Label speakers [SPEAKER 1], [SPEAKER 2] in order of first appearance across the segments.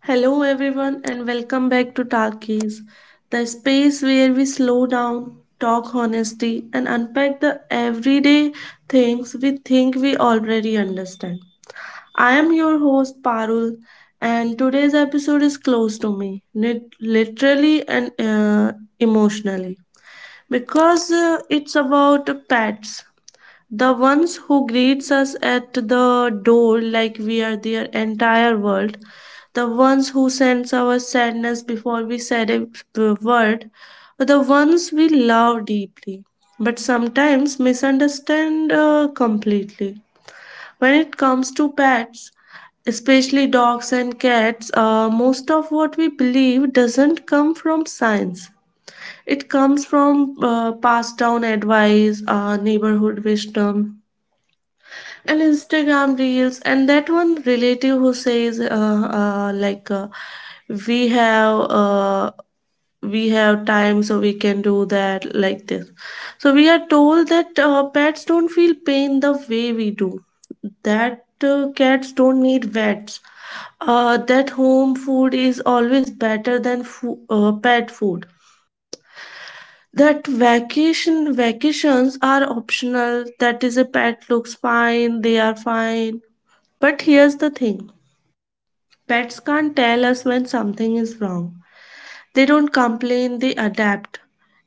[SPEAKER 1] Hello, everyone, and welcome back to Talkies, the space where we slow down, talk honesty, and unpack the everyday things we think we already understand. I am your host, Parul, and today's episode is close to me, literally and emotionally, because it's about pets. The ones who greets us at the door like we are their entire world. The ones who sense our sadness before we said a word. The ones we love deeply, but sometimes misunderstand completely. When it comes to pets, especially dogs and cats, most of what we believe doesn't come from science. It comes from passed down advice, neighborhood wisdom, and Instagram reels, and that one relative who says, we have, uh, we have time, so we can do that, like this. So we are told that pets don't feel pain the way we do. That cats don't need vets. That home food is always better than pet food. That vacations are optional. That is a pet looks fine. They are fine, but here's the thing: pets can't tell us when something is wrong. They don't complain, they adapt.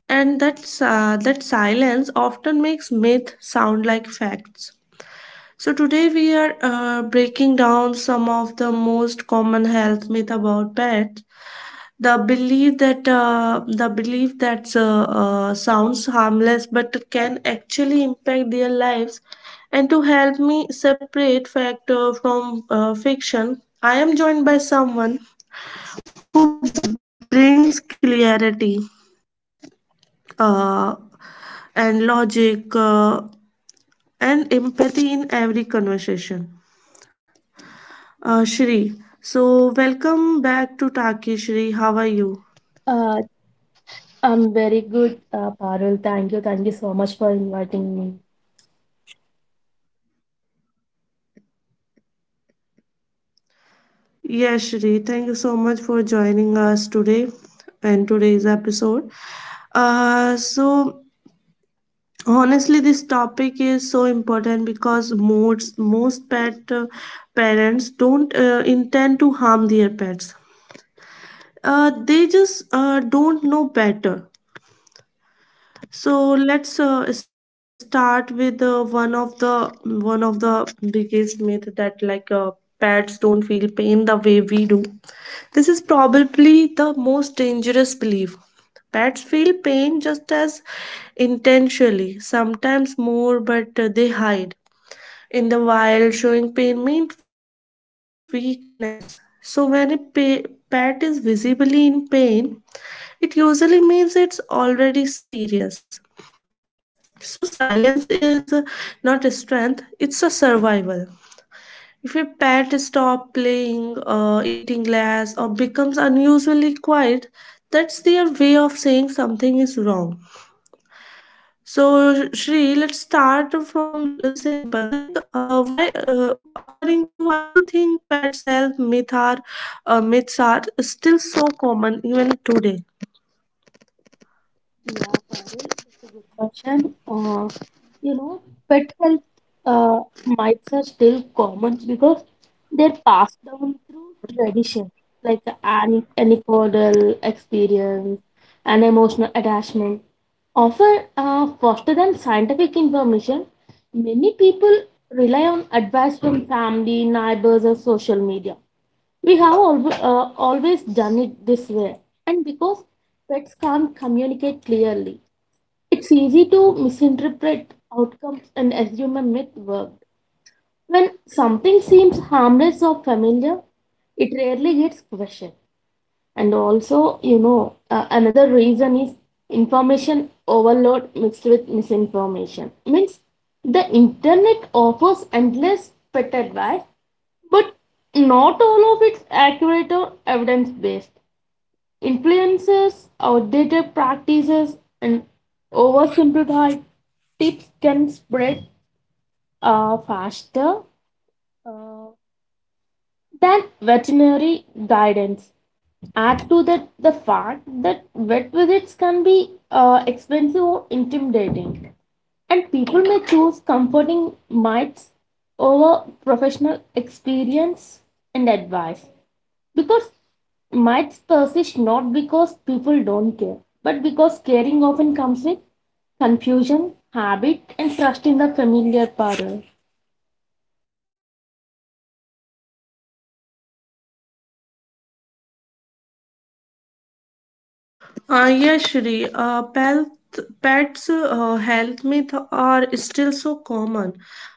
[SPEAKER 1] And that silence often makes myth sound like facts. So today we are breaking down some of the most common health myth about pets, the belief that sounds harmless but can actually impact their lives. And to help me separate fact from fiction, I am joined by someone who brings clarity uh, and logic and empathy in every conversation. Shri, so welcome back to Taki, Shri. How are you?
[SPEAKER 2] Uh, I'm very good, Parul. Thank you. Thank you so much for inviting me.
[SPEAKER 1] Yeah, Shri, thank you so much for joining us today and today's episode. So honestly, this topic is so important because most pet parents don't intend to harm their pets. They just don't know better. So let's start with one of the biggest myth that pets don't feel pain the way we do. This is probably the most dangerous belief. Pets feel pain just as intentionally, sometimes more, but they hide. In the wild, showing pain means weakness. So when a pet is visibly in pain, it usually means it's already serious. So silence is not a strength, it's a survival. If a pet stops playing, eating less, or becomes unusually quiet, that's their way of saying something is wrong. So, Shri, let's start from simple. Like, why, according to Why do you think pets' health myth are, myths are still so common even today?
[SPEAKER 2] Yeah, Parul, that's a good question. You know, Pet health uh, myths are still common because they're passed down through tradition, like an anecdotal experience and emotional attachment. Often faster than scientific information, many people rely on advice from family, neighbors, or social media. We always done it this way, and because pets can't communicate clearly, it's easy to misinterpret outcomes and assume a myth worked. When something seems harmless or familiar, it rarely gets questioned. And also, another reason is information overload mixed with misinformation. Means the internet offers endless pet advice but not all of it's accurate or evidence based. Influences, outdated practices, and oversimplified tips can spread faster uh, than veterinary guidance. Add to that the fact that vet visits can be expensive or intimidating, and people may choose comforting mites over professional experience and advice. Because mites persist not because people don't care, but because caring often comes with confusion, habit, and trust in the familiar power.
[SPEAKER 1] Yes, Shri. Pets' health myths are still common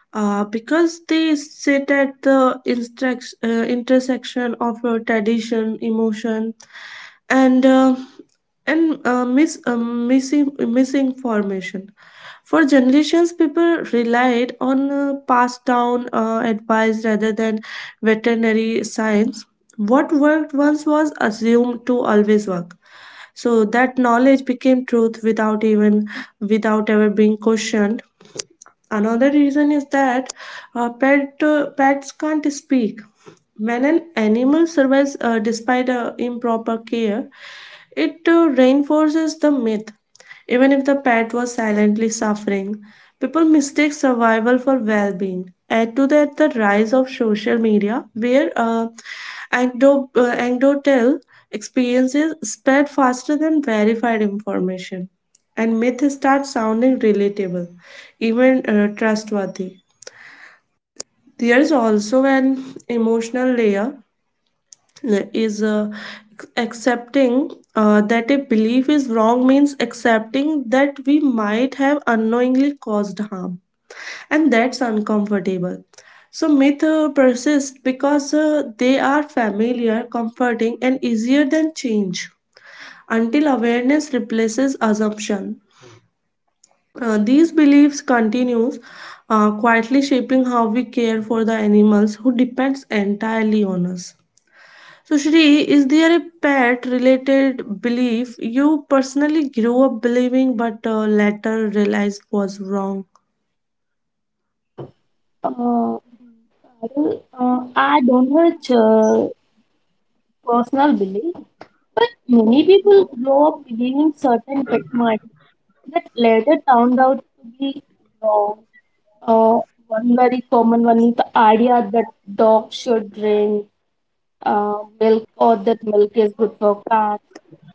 [SPEAKER 1] because they sit at the intersection of tradition, emotion, and uh, and mis- missing misinformation. For generations, people relied on passed down advice rather than veterinary science. Once was assumed to always work. So that knowledge became truth without ever being questioned. Another reason is that pets can't speak. When an animal survives despite improper care, it reinforces the myth even if the pet was silently. People mistake survival for well being. Add to that the rise of social media, where anecdotal experiences spread faster than verified information, and myths start sounding relatable, even trustworthy. There is also an emotional layer. Is Accepting that a belief is wrong means accepting that we might have unknowingly caused harm, and that's uncomfortable. So myth persist because they are familiar, comforting, and easier than change, until awareness replaces assumption. These beliefs continues quietly shaping how we care for the animals who depends entirely on us. So, Shri, is there a pet related belief you personally grew up believing but later realized was wrong?
[SPEAKER 2] Uh, Parul, I don't have personal belief, but many people grow up believing certain pet mites that later turned out to be wrong. Uh, One very common one is the idea that dogs should drink milk or that milk is good for cats.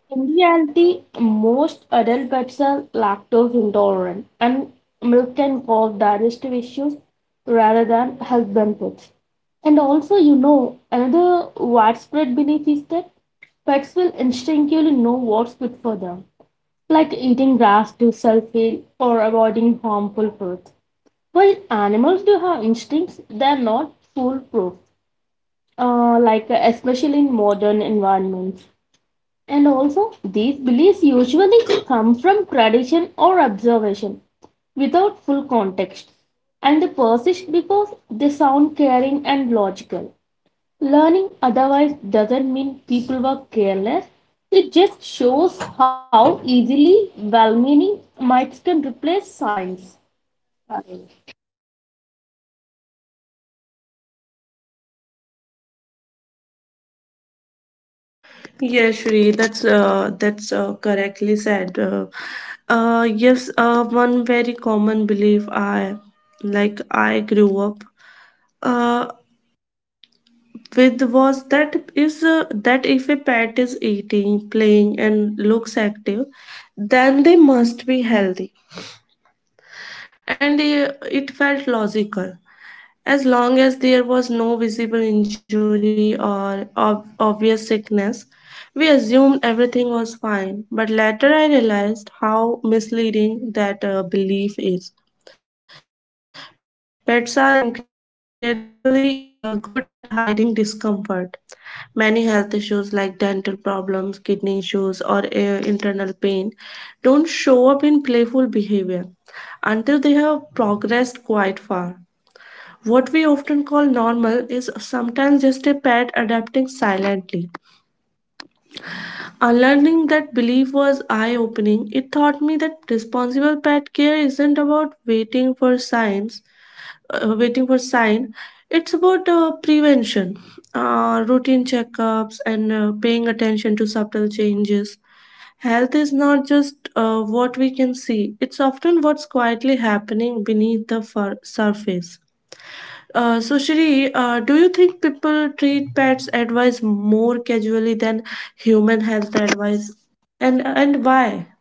[SPEAKER 2] In reality, most adult pets are lactose intolerant, and milk can cause digestive issues rather than health benefits. And also, another widespread belief is that pets will instinctively know what's good for them, like eating grass to self heal or avoiding harmful foods. While animals do have instincts, they are not foolproof, especially in modern environments. And also, these beliefs usually come from tradition or observation without full context, and they persist because they sound caring and logical. Learning otherwise doesn't mean people were careless. It just shows how easily well-meaning myths can replace science.
[SPEAKER 1] Yeah, Shri, that's correctly said. Yes, one very common belief I grew up uh, with was that if a pet is eating, playing, and looks active, then they must be healthy, and it felt logical. As long as there was no visible injury or obvious sickness, we assumed everything was fine. But later I realized how misleading that belief is. Pets are incredibly good at hiding discomfort. Many health issues like dental problems, kidney issues, or internal pain don't show up in playful behavior until they have progressed quite far. What we often call normal is sometimes just a pet adapting silently. Unlearning that belief was eye opening. It taught me that responsible pet care isn't about waiting for signs, waiting for sign. It's about prevention, routine checkups, and paying attention to subtle changes. Health is not just what we can see, it's often what's quietly happening beneath the surface. So Shri, do you think people treat pets advice more casually than human health advice, and why?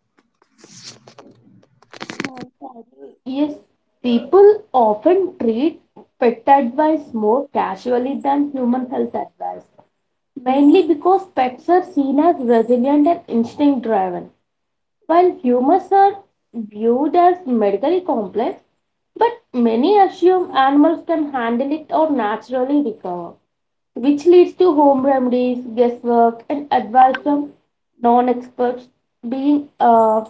[SPEAKER 2] Yes, people often treat pet advice more casually than human health advice, mainly because pets are seen as resilient and instinct driven, while humans are viewed as medically complex, but many assume animals can handle it or naturally recover, which leads to home remedies, guesswork, and advice from non experts being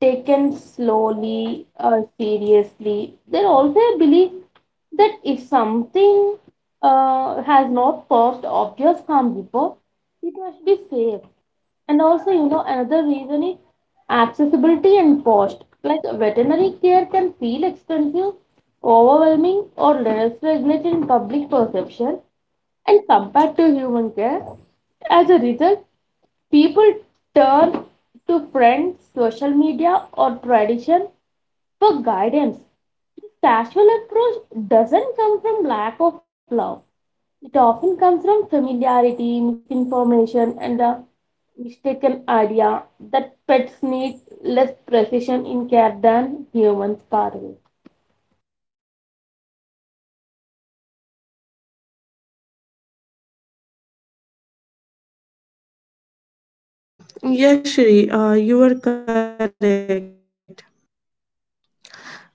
[SPEAKER 2] taken slowly or seriously. There also a belief that if something has not caused obvious harm before, it must be safe. And also, another reason is accessibility and cost. Like veterinary care can feel expensive, overwhelming, or less regulated in public perception and compared to human care. As a result, people turn to friends, social media, or tradition for guidance. This casual approach doesn't come from lack of love. It often comes from familiarity, misinformation, and the mistaken idea that pets need less precision in care than humans, Parul.
[SPEAKER 1] Yes, Shri, you are correct,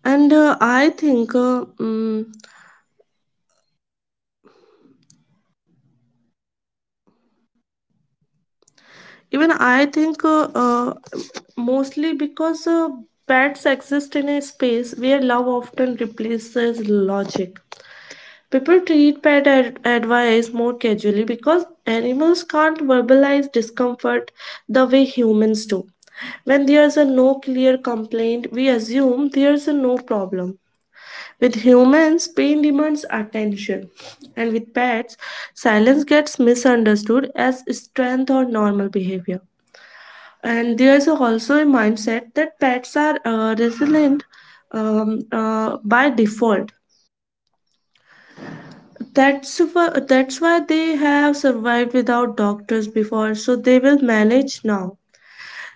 [SPEAKER 1] and I think mm even I think mostly pets exist in a space where love often replaces logic. People treat advice more casually because animals can't verbalize discomfort the way humans do. When there's a no clear complaint, we assume there's a no problem. With humans, pain demands attention, and with pets, silence gets misunderstood as strength or normal behavior. And there's also a mindset that pets are resilient by default. That's why they have survived without doctors before, so they will manage now.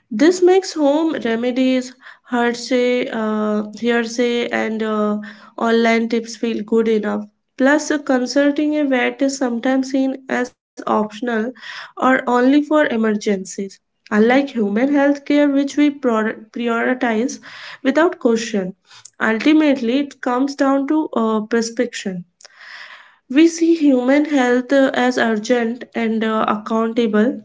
[SPEAKER 1] This makes home remedies, hearsay, and online tips feel good enough. Plus, consulting a vet is sometimes seen as optional or only for emergencies. Unlike human healthcare, which we prioritize without question, ultimately it comes down to prescription. We see human health as urgent and accountable,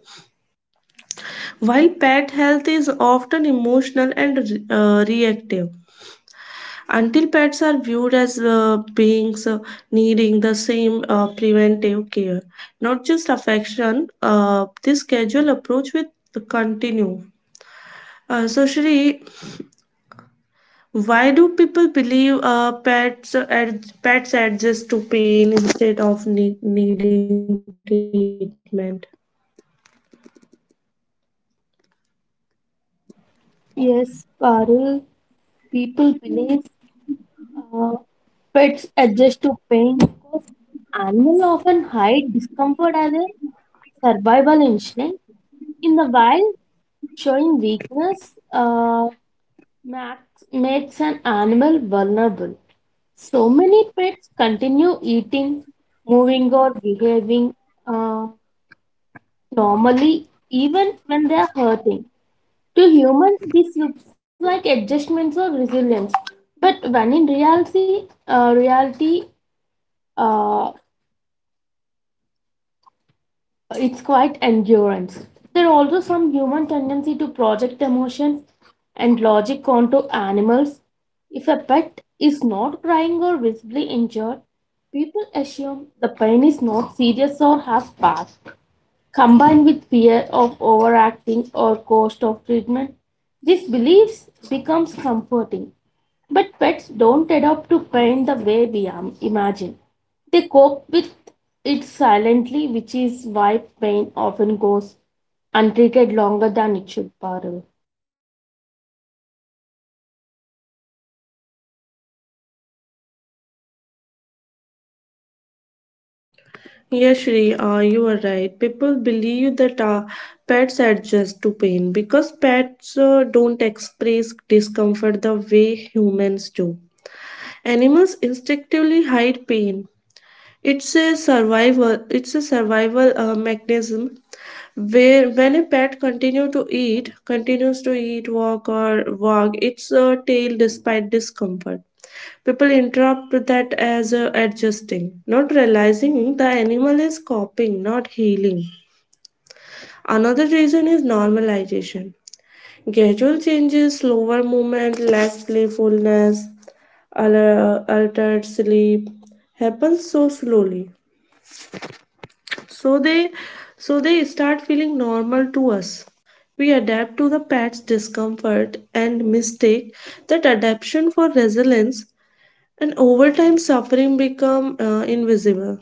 [SPEAKER 1] while pet health is often emotional and reactive. Until pets are viewed as beings needing the same preventive care, not just affection, this casual approach will continue. So, Shri, why do people believe pets adjust to pain instead of needing treatment?
[SPEAKER 2] Yes, Parul, people believe uh, pets adjust to pain because animals often hide discomfort as a survival instinct. In the wild, showing weakness max, makes an animal vulnerable. So many pets continue eating, moving, or behaving uh, normally even when they are hurting. To humans, this looks like adjustments or resilience, but when in reality, uh, it's quite endurance. There are also some human tendency to project emotions and logic onto animals. If a pet is not crying or visibly injured, people assume the pain is not serious or has passed. Combined with fear of overacting or cost of treatment, these beliefs becomes comforting. But pets don't adapt to pain the way we imagine. They cope with it silently, which is why pain often goes untreated longer than it should, Parul.
[SPEAKER 1] Yes, Shri, you are right. People believe that pets adjust to pain because pets don't express discomfort the way humans do. Animals instinctively hide pain. It's a survival mechanism, where when a pet continue to eat, continues to eat, walk, its tail despite discomfort. People interrupt that as adjusting, not realizing the animal is coping, not healing. Another reason is normalization. Gradual changes, slower movement, less playfulness, altered sleep happens so slowly. So they so they start feeling normal to us. We adapt to the pet's discomfort and mistake that adaptation for resilience, and over time suffering become invisible.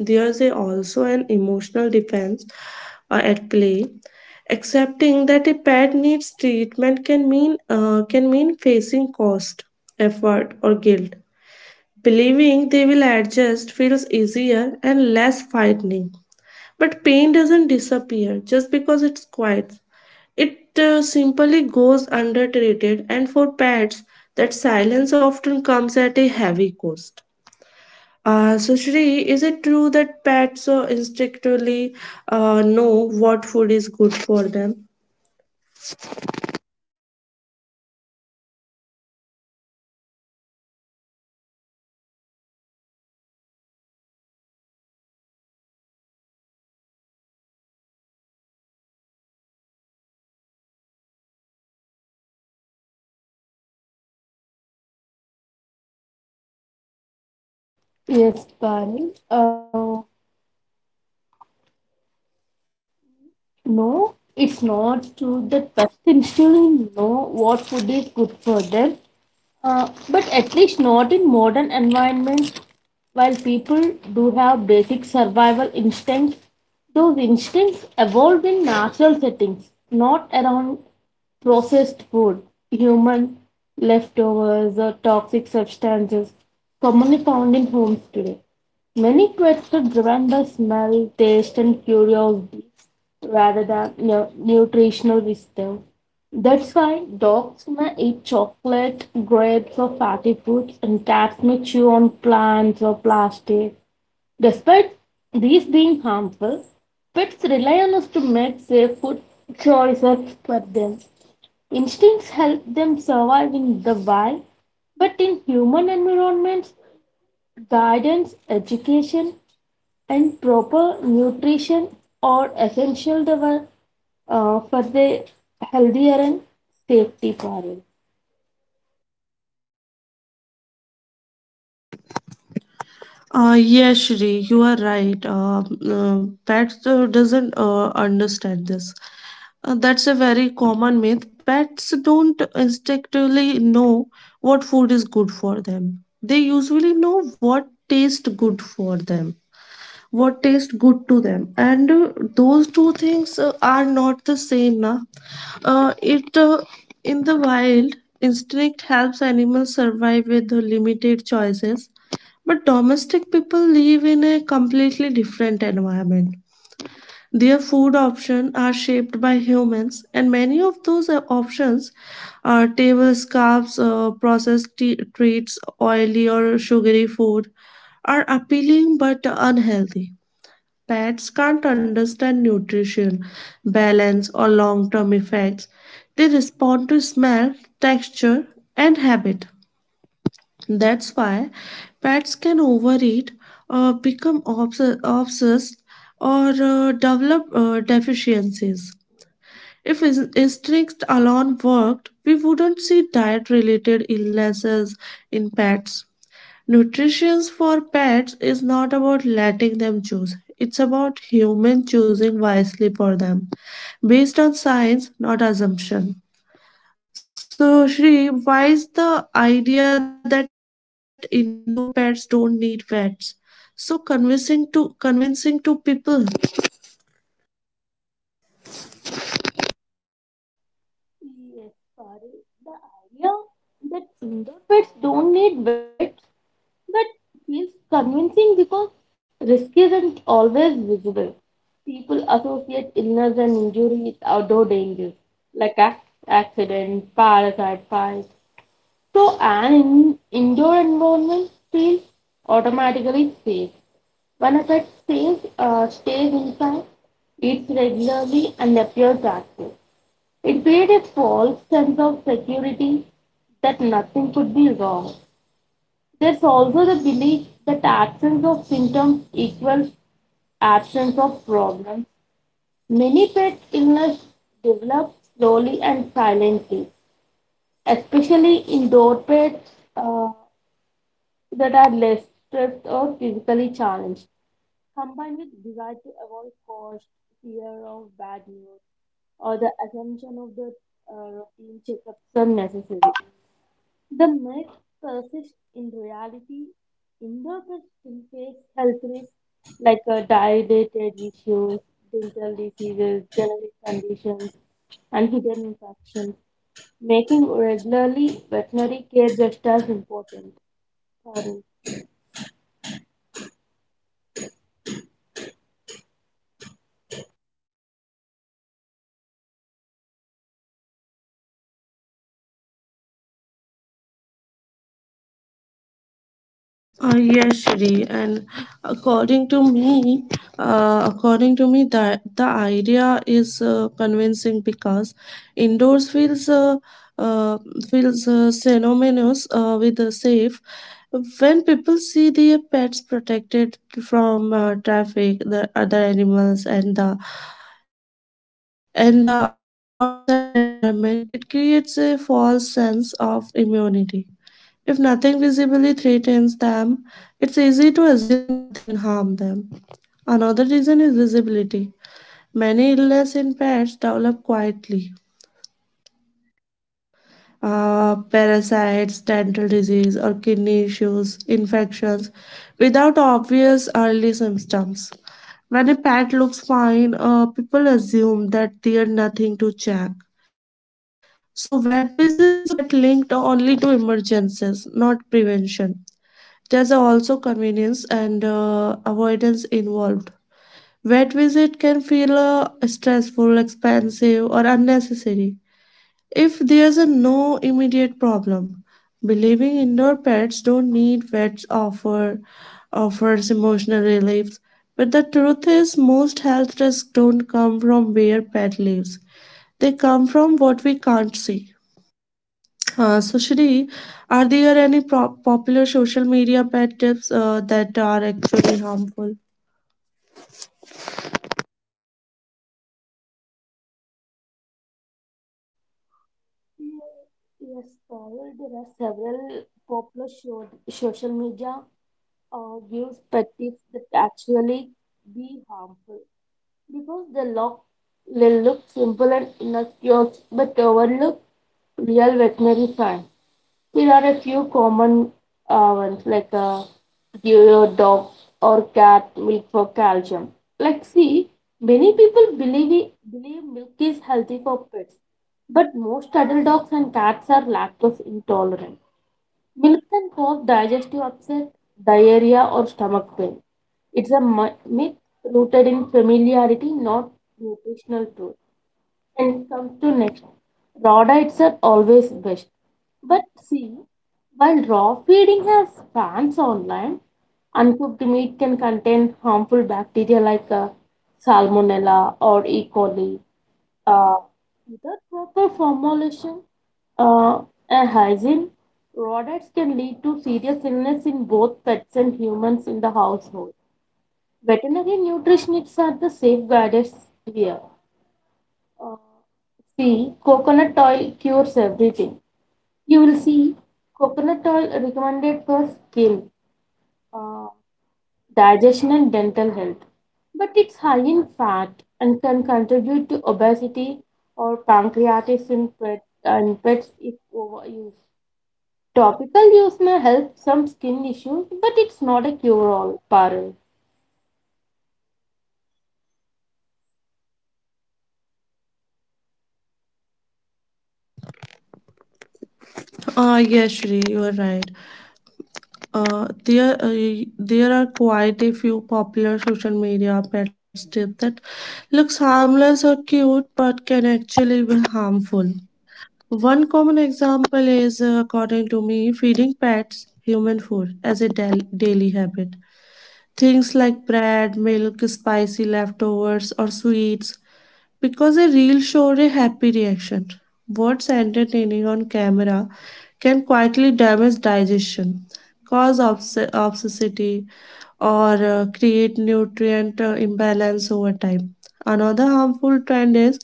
[SPEAKER 1] Also an emotional defense at play. Accepting that a pet needs treatment can mean facing cost, effort, or guilt. Believing they will adjust feels easier and less frightening. But pain doesn't disappear just because it's quiet. It simply goes undertreated, and for pets, that silence often comes at a heavy cost. So Shri, is it true that pets instinctively know what food is good for them?
[SPEAKER 2] Yes, Parul. No, it's not true that pets instinctively know what food is good for them. But at least not in modern environments. While people do have basic survival instincts, those instincts evolved in natural settings, not around processed food, human leftovers, or toxic substances commonly found in homes today. Many pets are driven by smell, taste, and curiosity rather than nutritional wisdom. That's why dogs may eat chocolate, grapes, or fatty foods, and cats may chew on plants or plastic. Despite these being harmful, pets rely on us to make safe food choices for them. Instincts help them survive in the wild, but in human environments, guidance, education, and proper nutrition are essential to for the healthier and safety, Parul.
[SPEAKER 1] Yes, Shri, you are right. Uh, Pets doesn't understand this. That's a very common myth. Pets don't instinctively know what food is good for them. They usually know what tastes good for them, what tastes good to them, and those two things are not the same, na. It In the wild, instinct helps animals survive with the limited choices, but domestic people live in a completely different environment. Their food options are shaped by humans, and many of those options are table scraps, treats, oily or sugary food, are appealing but unhealthy. Pets can't understand nutrition, balance, or long term effects. They respond to smell, texture, and habit. That's why pets can overeat, obsessed, or develop deficiencies. If instincts alone worked, we wouldn't see diet related illnesses in pets. Nutrition for pets is not about letting them choose. It's about humans choosing wisely for them, based on science, not assumption. So, Shri, why is the idea that indoor pets don't need vets so convincing to people?
[SPEAKER 2] Yes, Parul. The idea that indoor pets don't need vets but feels convincing because risk isn't always visible. People associate illness and injury with outdoor dangers like accident, parasite fight. So an indoor environment feels automatically safe. When a pet stays inside, eats regularly, and appears active, it creates a false sense of security that nothing could be wrong. There's also the belief that absence of symptoms equals absence of problems. Many pet illness develop slowly and silently, especially indoor pets. That are less stressed or physically challenged, combined with desire to avoid cost, fear of bad news, or the assumption of the routine checkups are necessary. The myth persists in reality. Indoor pets still face health risks like dilated issues, dental diseases, genetic conditions, and hidden infections, making regularly veterinary care just as important.
[SPEAKER 1] Yes, Shri, and according to me, according to me, that the idea is convincing because indoors feels uh, synonymous with safe. When people see their pets protected from traffic, the other animals, and the outside environment, it creates a false sense of immunity. If nothing visibly threatens them, it's easy to assume nothing can harm them. Another reason is visibility. Many illness develop quietly. Parasites, dental disease, or kidney issues, infections, without obvious early symptoms. When a pet looks fine, people assume that there's nothing to check. So, vet visits get linked only to emergencies, not prevention. There's also convenience and avoidance involved. Vet visit can feel stressful, expensive, or unnecessary if there's a no immediate problem. Believing indoor pets don't need vets offers emotional relief, but the truth is most health risks don't come from where pet lives. They come from what we can't see. So, Shri, are there any popular social media pet tips that are actually harmful?
[SPEAKER 2] Yes, Pavel, there are several popular show, social media gives pet tips that actually be harmful because they look simple and innocuous but overlook real veterinary science. There are a few common ones like give your dog or cat milk for calcium. Like, see, many people believe milk is healthy for pets, but most adult dogs and cats are lactose intolerant. Milk can cause digestive upset, diarrhea, or stomach pain. It's a myth rooted in familiarity, not nutritional truth. And comes to next, raw diets are always best, but, see, while raw feeding has fans online, uncooked meat can contain harmful bacteria like salmonella or e coli uh, without proper formulation uh, and hygiene. Raw diets can lead to serious illness in both pets and humans in the household. Veterinary nutritionists are the safe guides here. uh, See, coconut oil cures everything. You will see coconut oil recommended for skin, uh, digestion, and dental health. But it's high in fat and can contribute to obesity or pancreatitis in pet, and pets if overused. Topical use may help some skin issues, but it's not a cure all, Parul.
[SPEAKER 1] Ah, yes, Shri, you are right. There are quite a few popular social media pet tips that looks harmless or cute but can actually be harmful. One common example is, according to me, feeding pets human food as a daily habit. Things like bread, milk, spicy leftovers, or sweets, because a reel showed a happy reaction. What's entertaining on camera can quietly damage digestion, cause obesity, or create nutrient imbalance over time. Another harmful trend is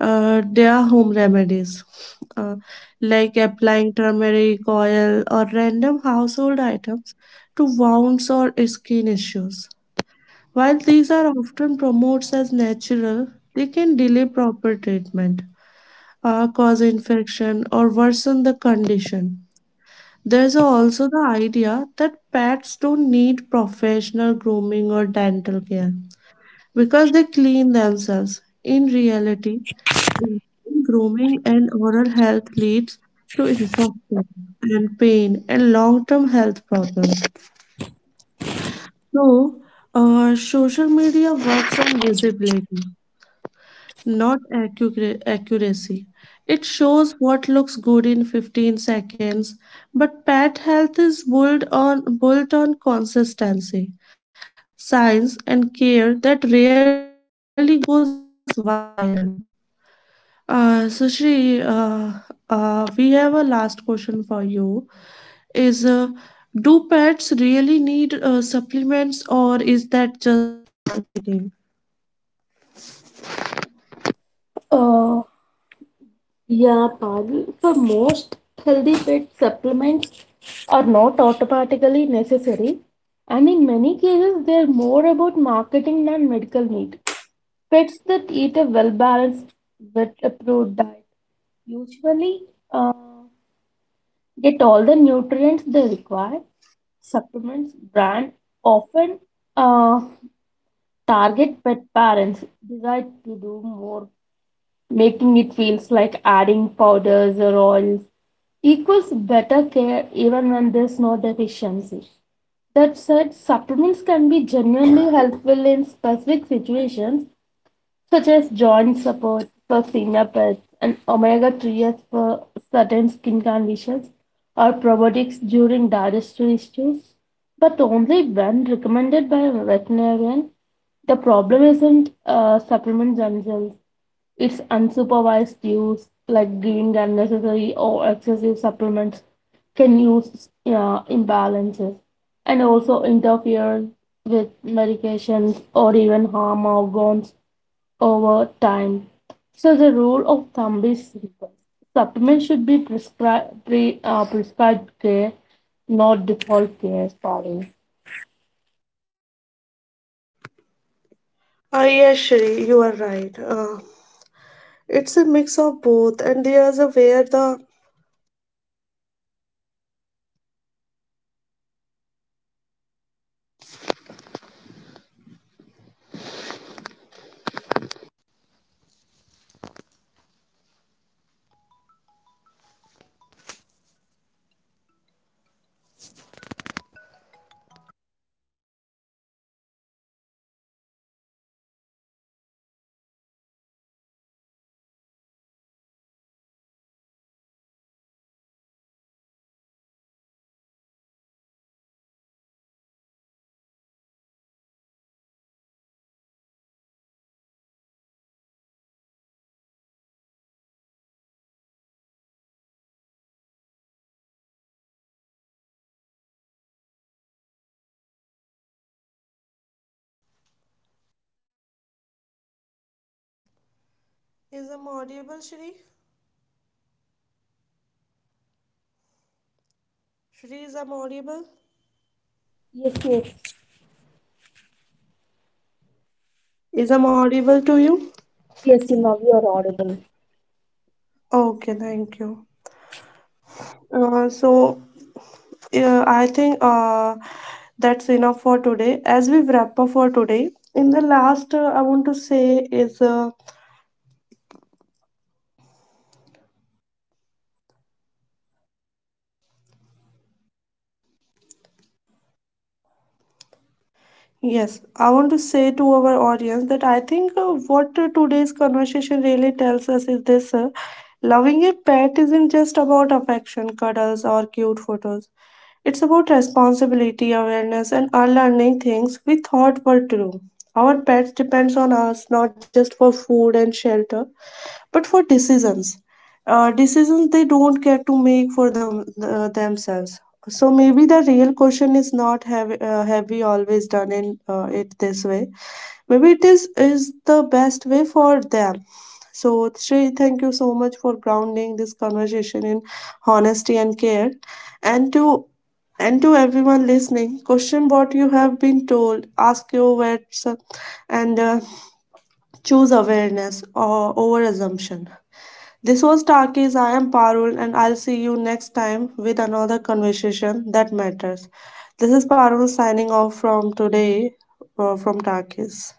[SPEAKER 1] their home remedies, uh, like applying turmeric oil or random household items to wounds or skin issues. While these are often promoted as natural, they can delay proper treatment, cause infection, or worsen the condition. There's also the idea that pets don't need professional grooming or dental care because they clean themselves. In reality, grooming and oral health leads to infection and pain and long-term health problems. So, social media works on visibility, not accuracy. It shows what looks good in 15 seconds, but pet health is built on consistency, science, and care that rarely goes viral. So, Shri, we have a last question for you. Is Do pets really need supplements, or is that just marketing?
[SPEAKER 2] Uh, Yeah, Parul, for most healthy pet supplements are not automatically necessary, and in many cases, they are more about marketing than medical need. Pets that eat a well balanced, vet approved diet usually uh, get all the nutrients they require. Supplements brand often uh, target pet parents desire to do more, making it feels like adding powders or oils equals better care even when there's no deficiency. That said, supplements can be genuinely helpful in specific situations such as joint support for senior pets and omega 3s for certain skin conditions or probiotics during digestive issues, but only when recommended by a veterinarian. The problem isn't supplements themselves, it's unsupervised use, like giving unnecessary or excessive supplements can use imbalances and also interfere with medications or even harm organs over time. So the rule of thumb is simple. Supplements should be prescribed care, not default care. Sorry.
[SPEAKER 1] Ah, yes, Shri, you are right. It's a mix of both, and there's a where the Is I'm audible, Shri? Shri, is I'm audible?
[SPEAKER 2] Yes, yes,
[SPEAKER 1] Is I'm audible to you?
[SPEAKER 2] yes, Simba, we are audible.
[SPEAKER 1] Okay, thank you. So, yeah, I think that's enough for today. As we wrap up today, in the last, I want to say is yes, I want to say to our audience that I think what today's conversation really tells us is this: loving a pet isn't just about affection, cuddles, or cute photos. It's about responsibility, awareness, and unlearning things we thought were true. Our pets depends on us not just for food and shelter, but for decisions. Decisions they don't get to make for themselves, so maybe the real question is not have have we always done in, it this way? Maybe it is the best way for them. So Shrey, thank you so much for grounding this conversation in honesty and care, and to everyone listening, question what you have been told, ask your vets, and choose awareness or over assumption. This was Talkies. I am Parul, and I'll see you next time with another conversation that matters. This is Parul signing off from today from Talkies.